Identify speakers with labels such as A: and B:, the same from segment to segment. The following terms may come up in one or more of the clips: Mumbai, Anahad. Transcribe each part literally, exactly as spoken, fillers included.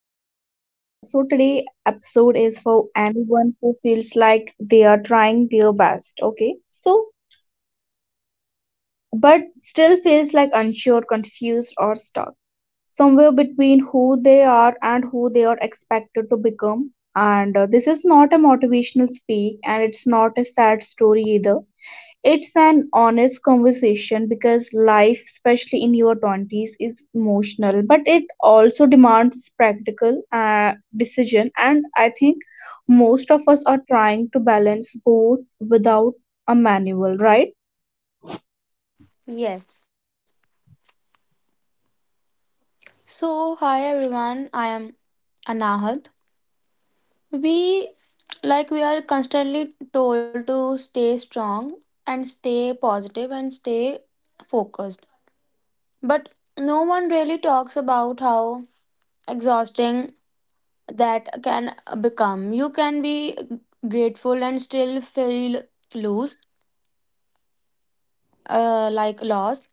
A: back to the podcast. So today episode is for anyone who feels like they are trying their best, okay? So but still feels like unsure, confused or stuck. Somewhere between who they are and who they are expected to become. And uh, this is not a motivational speak and it's not a sad story either. It's an honest conversation because life, especially in your twenties, is emotional, but it also demands practical uh, decision. And I think most of us are trying to balance both without a manual, right?
B: Yes. So, hi everyone. I am Anahad. We like we are constantly told to stay strong and stay positive and stay focused. But no one really talks about how exhausting that can become. You can be grateful and still feel loose, uh, like lost.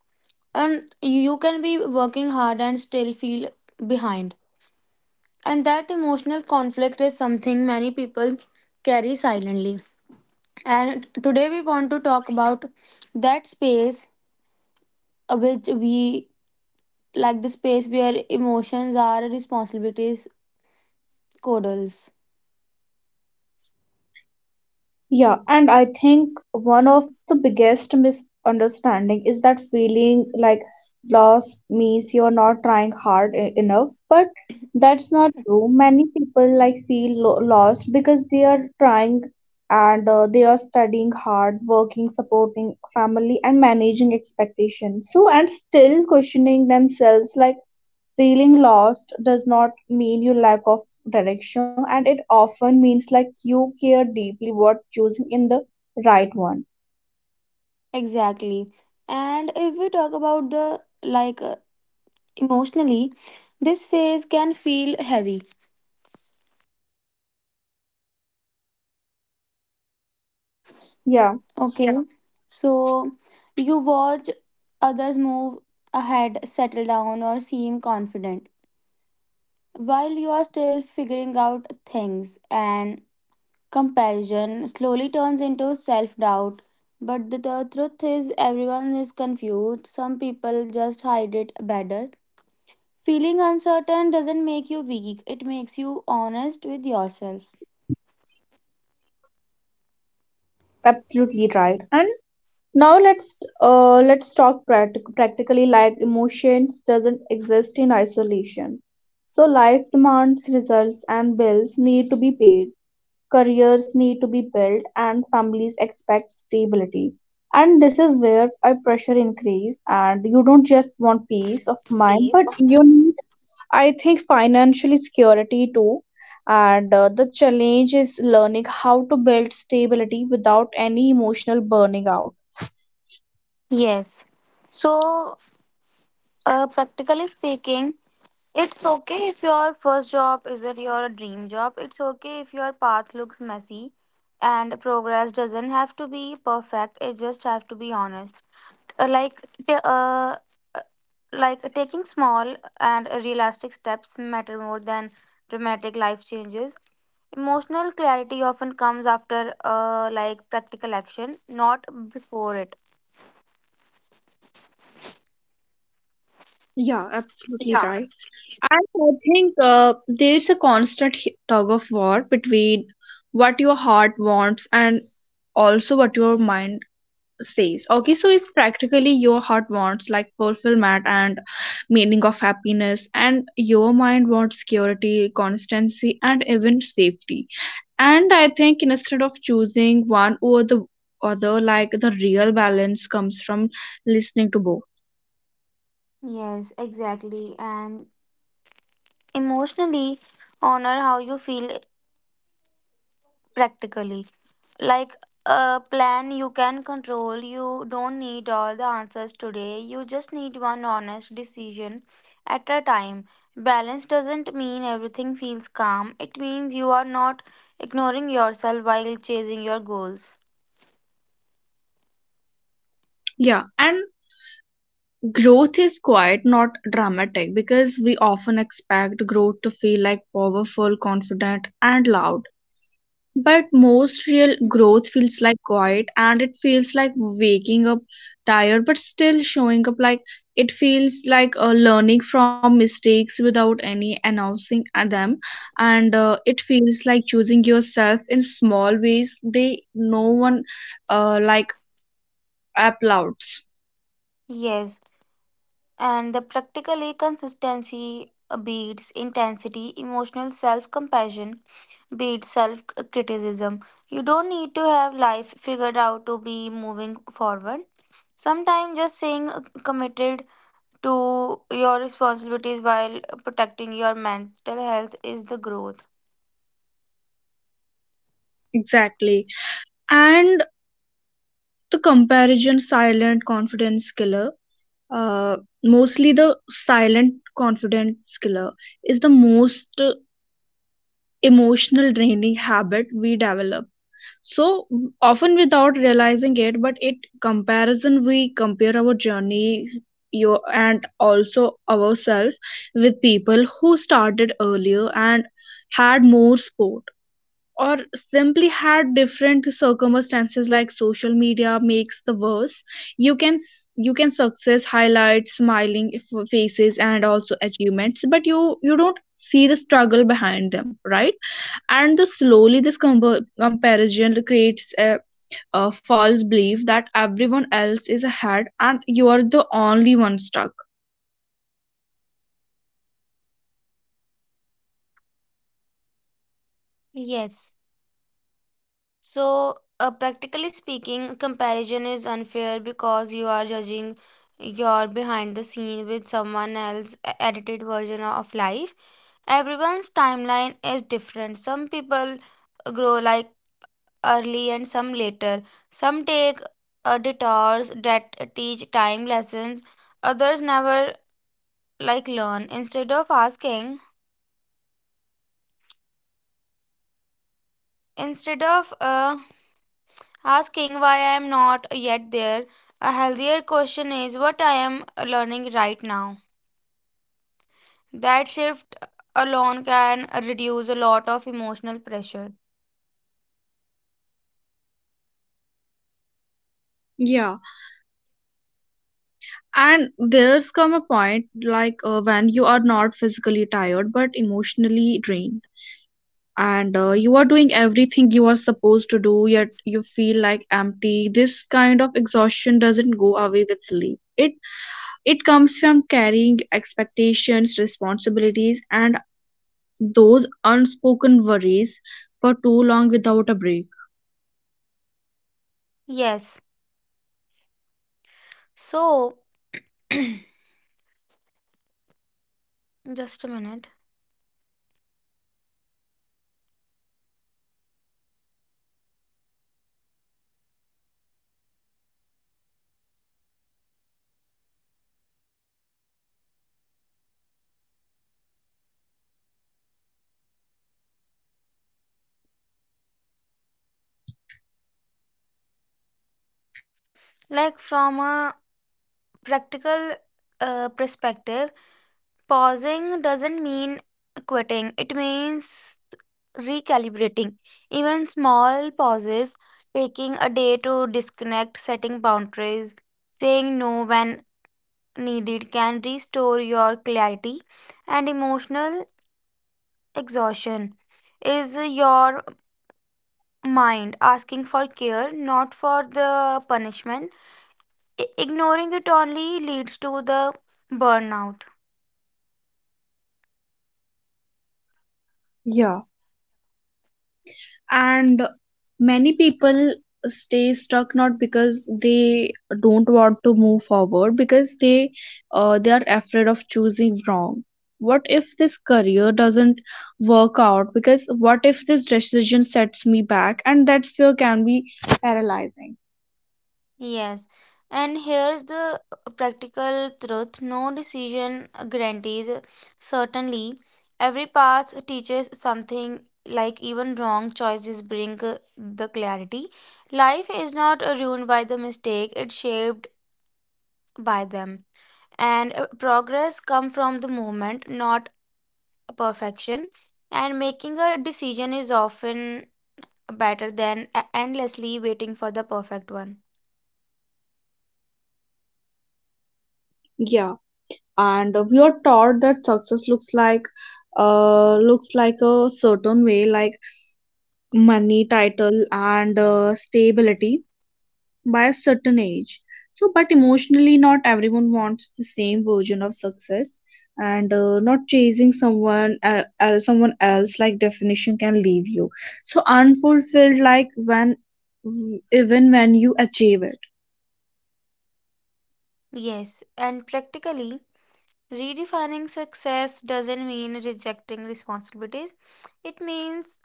B: And you can be working hard and still feel behind. And that emotional conflict is something many people carry silently. And today we want to talk about that space uh, which we like the space where emotions are responsibilities, codals.
A: Yeah, and I think one of the biggest misunderstanding is that feeling like loss means you're not trying hard e- enough, but that's not true. Many people like feel lo- lost because they are trying and uh, they are studying hard, working, supporting family and managing expectations. So and still questioning themselves like feeling lost does not mean you lack of direction, and it often means like you care deeply what choosing in the right one.
B: Exactly. And if we talk about the like uh, emotionally, this phase can feel heavy.
A: Yeah,
B: Okay. Yeah. So you watch others move ahead, settle down, or seem confident, while you are still figuring out things, and comparison slowly turns into self-doubt. But the, the truth is everyone is confused, some people just hide it better. Feeling uncertain doesn't make you weak, it makes you honest with yourself.
A: absolutely right. And now let's uh let's talk practic- practically like emotions doesn't exist in isolation. So life demands results and bills need to be paid. Careers need to be built and families expect stability and this is where our pressure increase and you don't just want peace of mind but you need I think financial security too and uh, the challenge is learning how to build stability without any emotional burning out.
B: Yes. So, uh, practically speaking, it's okay if your first job isn't your dream job. It's okay if your path looks messy and progress doesn't have to be perfect. It just have to be honest. Uh, like t- uh, uh, like taking small and realistic steps matter more than dramatic life changes. Emotional clarity often comes after uh, like practical action, not before it.
A: Yeah, absolutely right. And I think uh, there's a constant h- tug of war between what your heart wants and also what your mind says, okay, so it's practically your heart wants like fulfillment and meaning of happiness and your mind wants security constancy and even safety and I think instead of choosing one over the other like the real balance comes from listening to both.
B: Yes, exactly. And emotionally honor how you feel, practically like a plan you can control. You don't need all the answers today. You just need one honest decision at a time. Balance doesn't mean everything feels calm. It means you are not ignoring yourself while chasing your goals.
A: Yeah, and growth is quite not dramatic because we often expect growth to feel like powerful confident and loud. But most real growth feels like quiet and it feels like waking up tired but still showing up, like it feels like uh, learning from mistakes without any announcing at them and uh, it feels like choosing yourself in small ways they no one uh, like applauds.
B: Yes, and the practically consistency uh, beats intensity, emotional self compassion beats self criticism. You don't need to have life figured out to be moving forward. Sometimes just saying uh, committed to your responsibilities while protecting your mental health is the growth.
A: Exactly, and the comparison silent confidence killer, uh, mostly the silent confidence killer is the most emotional draining habit we develop so often without realizing it but it comparison we compare our journey your and also ourselves with people who started earlier and had more support or simply had different circumstances like social media makes the worse. You can you can success highlight smiling f- faces and also achievements but you you don't see the struggle behind them, right? And the slowly this com- comparison creates a, a false belief that everyone else is ahead and you are the only one stuck.
B: Yes. So, uh, practically speaking, comparison is unfair because you are judging your behind the scene with someone else's e- edited version of life. Everyone's timeline is different. Some people grow like early and some later. Some take uh, detours that teach time lessons. Others never like learn. Instead of asking, instead of uh, asking why I am not yet there. A healthier question is what I am learning right now. That shift alone can reduce a lot of emotional pressure.
A: Yeah. And there's come a point like uh, when you are not physically tired but emotionally drained and uh, you are doing everything you are supposed to do yet you feel like empty. This kind of exhaustion doesn't go away with sleep. it it comes from carrying expectations responsibilities and those unspoken worries for too long without a break.
B: Yes. So, just a minute. Like, from a practical uh, perspective, pausing doesn't mean quitting, it means recalibrating. Even small pauses, taking a day to disconnect, setting boundaries, saying no when needed, can restore your clarity and emotional exhaustion. Is your mind asking for care, not for the punishment? I- ignoring it only leads to the burnout.
A: Yeah, and many people stay stuck not because they don't want to move forward, because they uh, they are afraid of choosing wrong. What if this career doesn't work out? Because what if this decision sets me back? And that fear can be paralyzing.
B: Yes, and here's the uh, practical truth: no decision guarantees uh, certainly. Every path teaches something, like even wrong choices bring uh, the clarity. Life is not uh, ruined by the mistake, it's shaped by them. And uh, progress comes from the movement, not perfection. And making a decision is often better than uh, endlessly waiting for the perfect one.
A: Yeah, and we are taught that success looks like uh looks like a certain way, like money, title, and uh, stability by a certain age. So, but emotionally, not everyone wants the same version of success, and uh, not chasing someone uh, uh, someone else like definition can leave you. So unfulfilled, like when even when you achieve it.
B: Yes, and practically, redefining success doesn't mean rejecting responsibilities. It means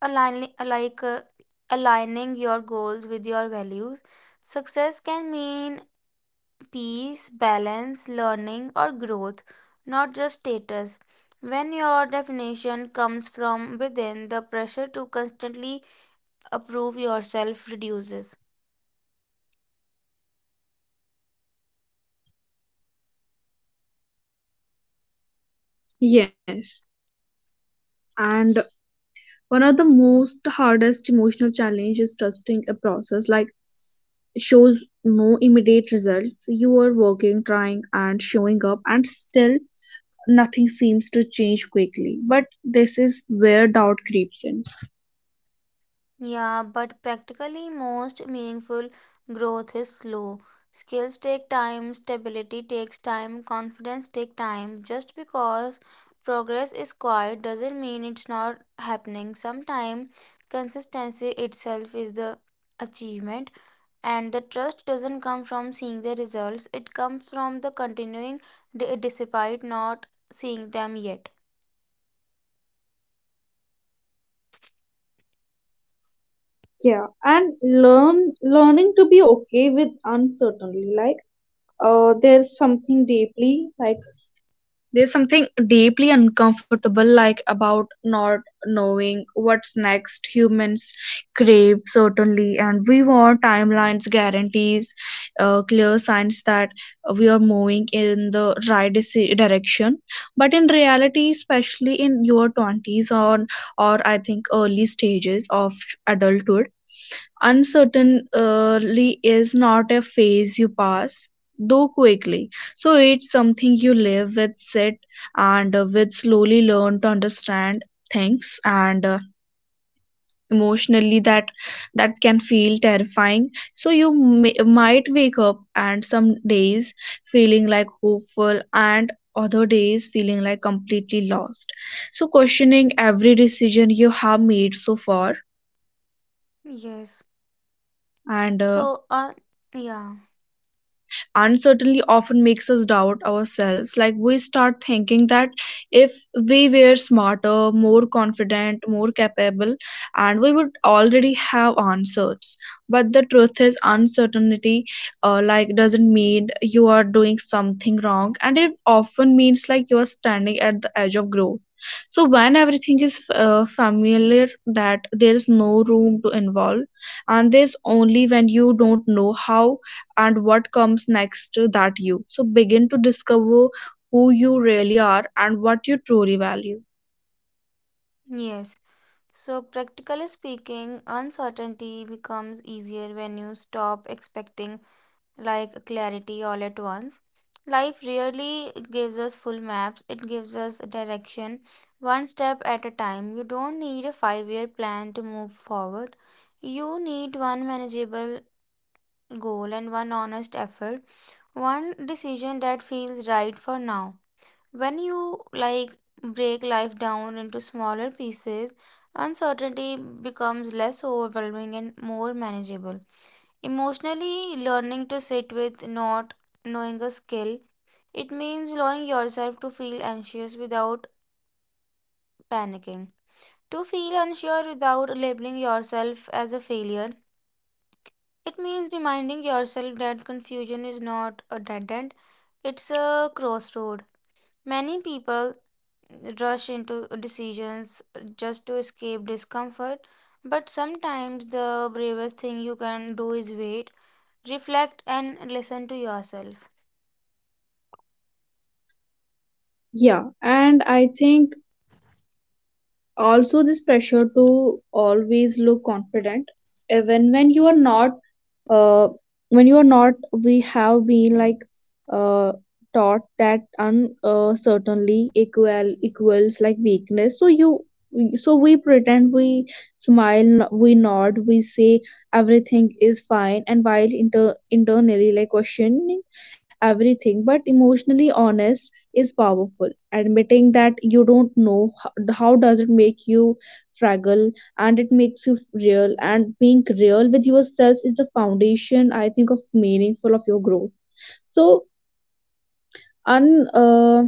B: aligning, like uh, aligning your goals with your values. Success can mean peace, balance, learning, or growth, not just status. When your definition comes from within, the pressure to constantly approve yourself reduces.
A: Yes, and one of the most hardest emotional challenge is trusting a process like shows no immediate results. You are working, trying, and showing up, and still nothing seems to change quickly. But this is where doubt creeps in.
B: Yeah, but practically most meaningful growth is slow. Skills take time, stability takes time, confidence takes time. Just because progress is quiet doesn't mean it's not happening. Sometimes consistency itself is the achievement, and the trust doesn't come from seeing the results, it comes from the continuing d- despite not seeing them yet.
A: Yeah, and learn learning to be okay with uncertainty. Like, uh, there's something deeply like there's something deeply uncomfortable like about not knowing what's next. Humans crave certainty, and we want timelines, guarantees, uh, clear signs that we are moving in the right deci- direction. But in reality, especially in your twenties or or I think early stages of adulthood, uncertainty is not a phase you pass though quickly, so it's something you live with, sit and uh, with slowly learn to understand things and uh, emotionally that that can feel terrifying so you may, might wake up and some days feeling like hopeful and other days feeling like completely lost, so questioning every decision you have made so far.
B: Yes.
A: And uh,
B: So, uh, yeah,
A: uncertainty often makes us doubt ourselves. Like we start thinking that if we were smarter, more confident, more capable, and we would already have answers. But the truth is, uncertainty uh, like doesn't mean you are doing something wrong, and it often means like you are standing at the edge of growth. So when everything is uh, familiar, that there is no room to involve, and there's only when you don't know how and what comes next to that you. So begin to discover who you really are and what you truly value.
B: yes. So, practically speaking, uncertainty becomes easier when you stop expecting like clarity all at once. Life rarely gives us full maps, it gives us direction one step at a time. You don't need a five year plan to move forward. You need one manageable goal and one honest effort, one decision that feels right for now. When you like break life down into smaller pieces, uncertainty becomes less overwhelming and more manageable. Emotionally, learning to sit with not knowing a skill, it means allowing yourself to feel anxious without panicking. To feel unsure without labeling yourself as a failure, it means reminding yourself that confusion is not a dead end, it's a crossroad. Many people rush into decisions just to escape discomfort. But sometimes the bravest thing you can do is wait, reflect, and listen to yourself.
A: Yeah, and I think also this pressure to always look confident, even when you are not uh, when you are not, we have been like uh, taught that uncertainly equal equals like weakness, so you so we pretend, we smile, we nod, we say everything is fine and while inter- internally like questioning everything, but emotionally honest is powerful. Admitting that you don't know how, how does it make you fragile and it makes you real, and being real with yourself is the foundation I think of meaningful of your growth. So un uh,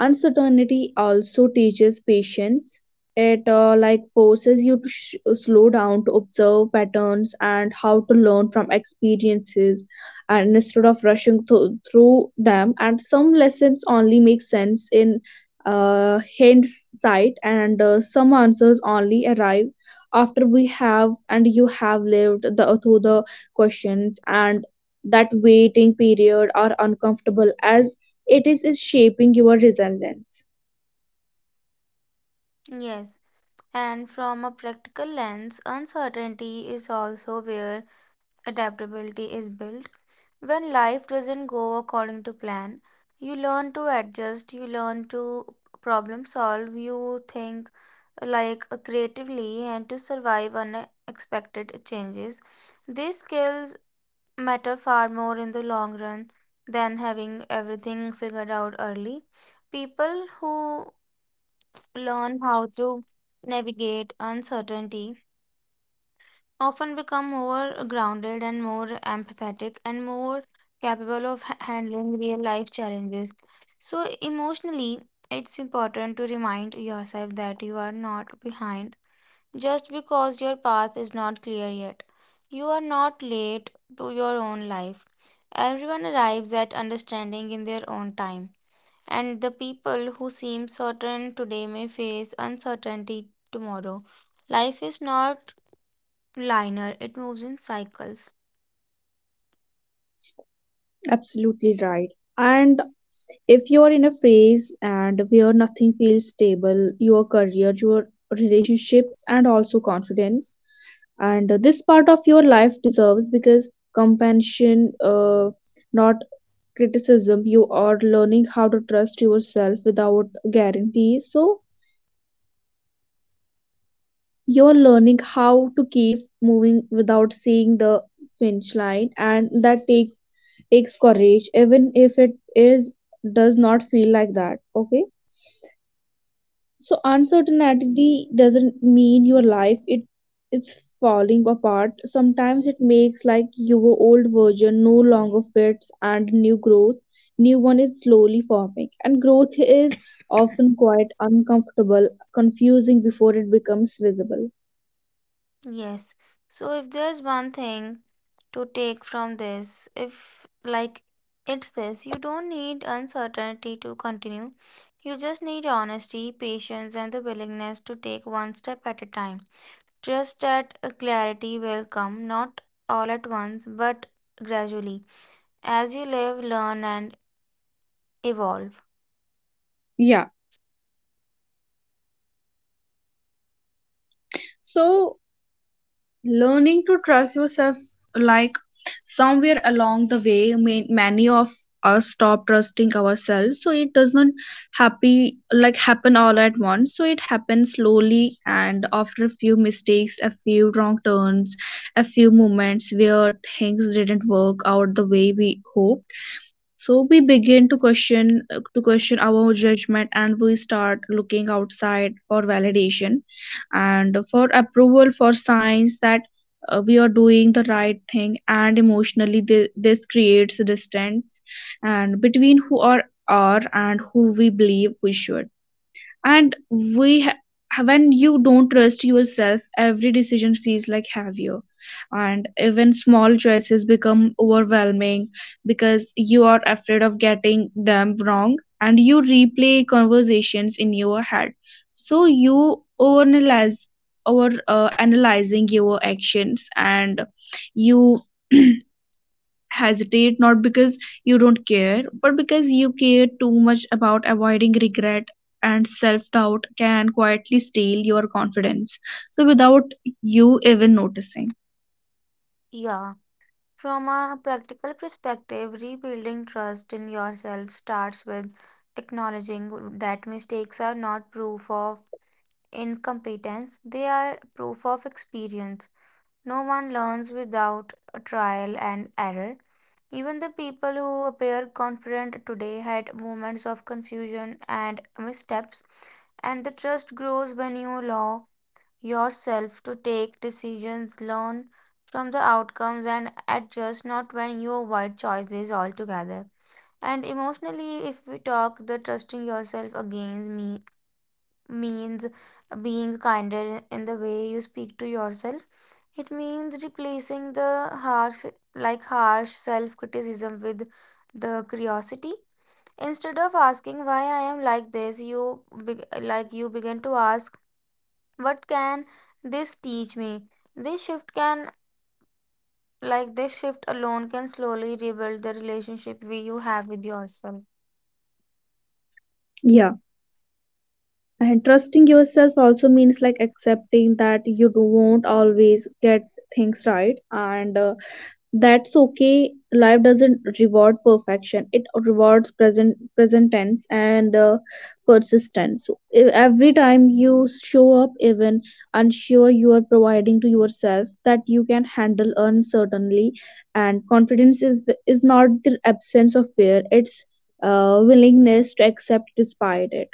A: uncertainty also teaches patience. It uh, like forces you to sh- slow down to observe patterns and how to learn from experiences and instead of rushing th- through them and some lessons only make sense in uh, hindsight and uh, some answers only arrive after we have and you have lived the through the questions and that waiting period are uncomfortable as it is, is shaping your resilience.
B: Yes, and from a practical lens, uncertainty is also where adaptability is built. When life doesn't go according to plan, you learn to adjust, you learn to problem solve, you think like uh, creatively and to survive unexpected changes. These skills matter far more in the long run than having everything figured out early. People who learn how to navigate uncertainty often become more grounded and more empathetic and more capable of ha- handling real life challenges. So, emotionally, it's important to remind yourself that you are not behind just because your path is not clear yet. You are not late to your own life. Everyone arrives at understanding in their own time, and the people who seem certain today may face uncertainty tomorrow. Life is not liner, it moves in cycles.
A: Absolutely right. And if you are in a phase and where nothing feels stable, your career, your relationships and also confidence, and this part of your life deserves because compassion, uh, not criticism. You are learning how to trust yourself without guarantees, so you're learning how to keep moving without seeing the finish line, and that take, takes courage, even if it is does not feel like that. Okay, so uncertainty doesn't mean your life it is falling apart. Sometimes it makes like your old version no longer fits, and new growth, new one is slowly forming, and growth is often quite uncomfortable, confusing before it becomes visible.
B: Yes, so if there's one thing to take from this, if like it's this: you don't need uncertainty to continue, you just need honesty, patience, and the willingness to take one step at a time. Trust that a clarity will come, not all at once, but gradually, as you live, learn, and evolve.
A: Yeah. So, learning to trust yourself, like somewhere along the way, ma- many of us stop trusting ourselves. So it does not happy like happen all at once. So it happens slowly, and after a few mistakes, a few wrong turns, a few moments where things didn't work out the way we hoped, so we begin to question uh, to question our judgment and we start looking outside for validation and for approval for signs that uh, we are doing the right thing and emotionally thi- this creates distance and between who are are and who we believe we should and we ha- when you don't trust yourself every decision feels like heavier and even small choices become overwhelming because you are afraid of getting them wrong and you replay conversations in your head so you overanalyze over uh, analyzing your actions and you hesitate not because you don't care, but because you care too much about avoiding regret and self doubt can quietly steal your confidence. So, without you even noticing.
B: Yeah. From a practical perspective, rebuilding trust in yourself starts with acknowledging that mistakes are not proof of incompetence, they are proof of experience. No one learns without a trial and error. Even the people who appear confident today had moments of confusion and missteps, and the trust grows when you allow yourself to take decisions, learn from the outcomes, and adjust, not when you avoid choices altogether. And emotionally, if we talk, the trusting yourself again me- means being kinder in the way you speak to yourself. It means replacing the harsh, like harsh self criticism with the curiosity. Instead of asking why I am like this, you beg like you begin to ask what can this teach me? This shift can, like this shift alone, can slowly rebuild the relationship we you have with yourself.
A: Yeah, and trusting yourself also means like accepting that you do- won't always get things right, and uh, that's okay. Life doesn't reward perfection. It rewards present present tense and uh, persistence. So, E- every time you show up, even unsure, you are providing to yourself that you can handle uncertainty. And confidence is the, is not the absence of fear. It's uh, willingness to accept despite it.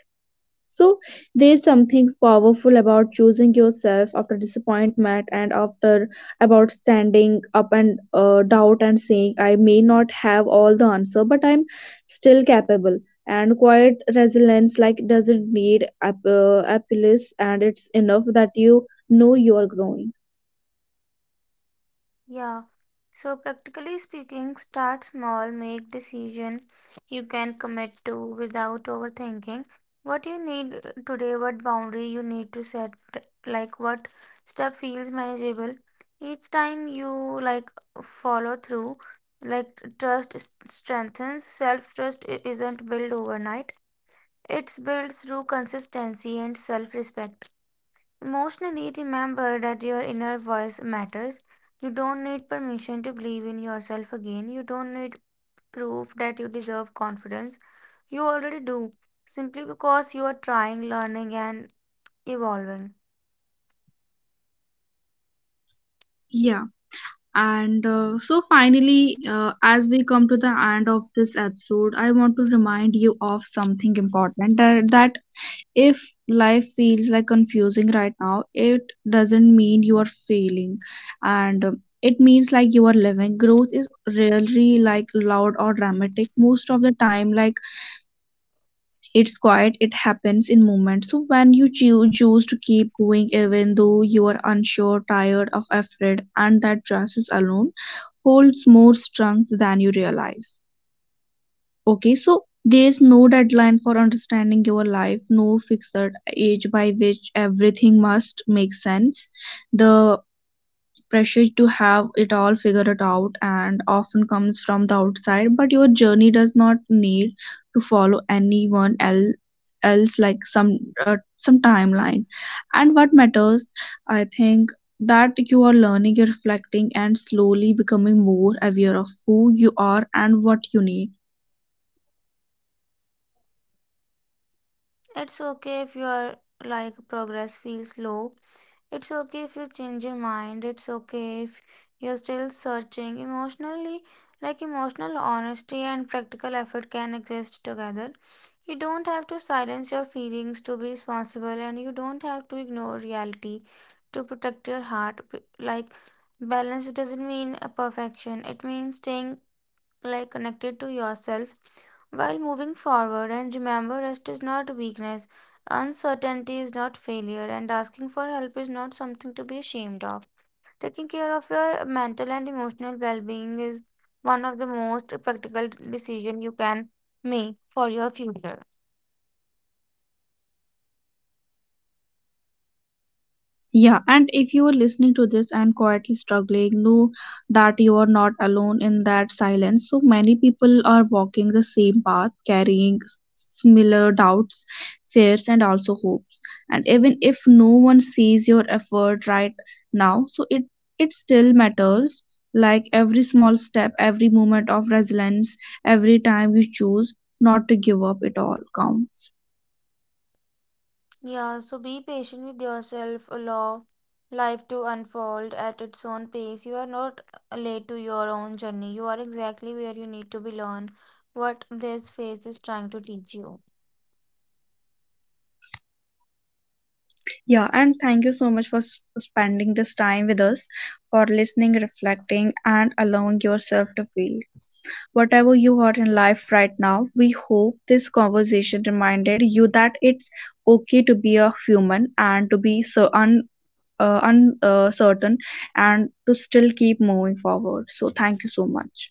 A: So there's something powerful about choosing yourself after disappointment and after about standing up and uh, doubt and saying I may not have all the answer but I'm still capable and quiet resilience like doesn't need app- uh, appeals and it's enough that you know you are growing.
B: Yeah. So practically speaking, start small, make decision you can commit to without overthinking. What you need uh, today, what boundary you need to set, like what step feels manageable. Each time you like follow through, like trust s- strengthens. Self trust isn't built overnight. It's built through consistency and self respect. Emotionally, remember that your inner voice matters. You don't need permission to believe in yourself again. You don't need proof that you deserve confidence. You already do, simply because you are trying, learning, and evolving.
A: Yeah, and uh, so finally, uh, as we come to the end of this episode, I want to remind you of something important that, that if life feels like confusing right now, it doesn't mean you are failing, and um, it means like you are living. Growth is rarely like loud or dramatic. Most of the time, like it's quiet, it happens in moments. So when you choose choose to keep going, even though you are unsure, tired, or afraid, and that choice alone holds more strength than you realize. Okay, so there's no deadline for understanding your life, no fixed age by which everything must make sense. The pressure to have it all figured out and often comes from the outside, but your journey does not need to follow anyone else else like some uh, some timeline and what matters I think that you are learning reflecting and slowly becoming more aware of who you are and what you need.
B: It's okay if your like progress feels slow. It's okay if you change your mind. It's okay if you're still searching emotionally. Like emotional honesty and practical effort can exist together. You don't have to silence your feelings to be responsible, and you don't have to ignore reality to protect your heart. P- Like, balance doesn't mean a perfection, it means staying like connected to yourself while moving forward. And remember, rest is not weakness, uncertainty is not failure, and asking for help is not something to be ashamed of. Taking care of your mental and emotional well-being is one of the most practical decisions you can make for your future.
A: Yeah, and if you are listening to this and quietly struggling, know that you are not alone in that silence. So many people are walking the same path, carrying similar doubts, fears, and also hopes. And even if no one sees your effort right now, so it it still matters. Like every small step, every moment of resilience, every time you choose not to give up, it all counts.
B: Yeah, so be patient with yourself, allow life to unfold at its own pace. You are not late to your own journey. You are exactly where you need to belong, what this phase is trying to teach you.
A: Yeah, and thank you so much for s- spending this time with us, for listening, reflecting, and allowing yourself to feel. Whatever you are in life right now, we hope this conversation reminded you that it's okay to be a human and to be so un, uh, un, uh, certain and to still keep moving forward. So, thank you so much.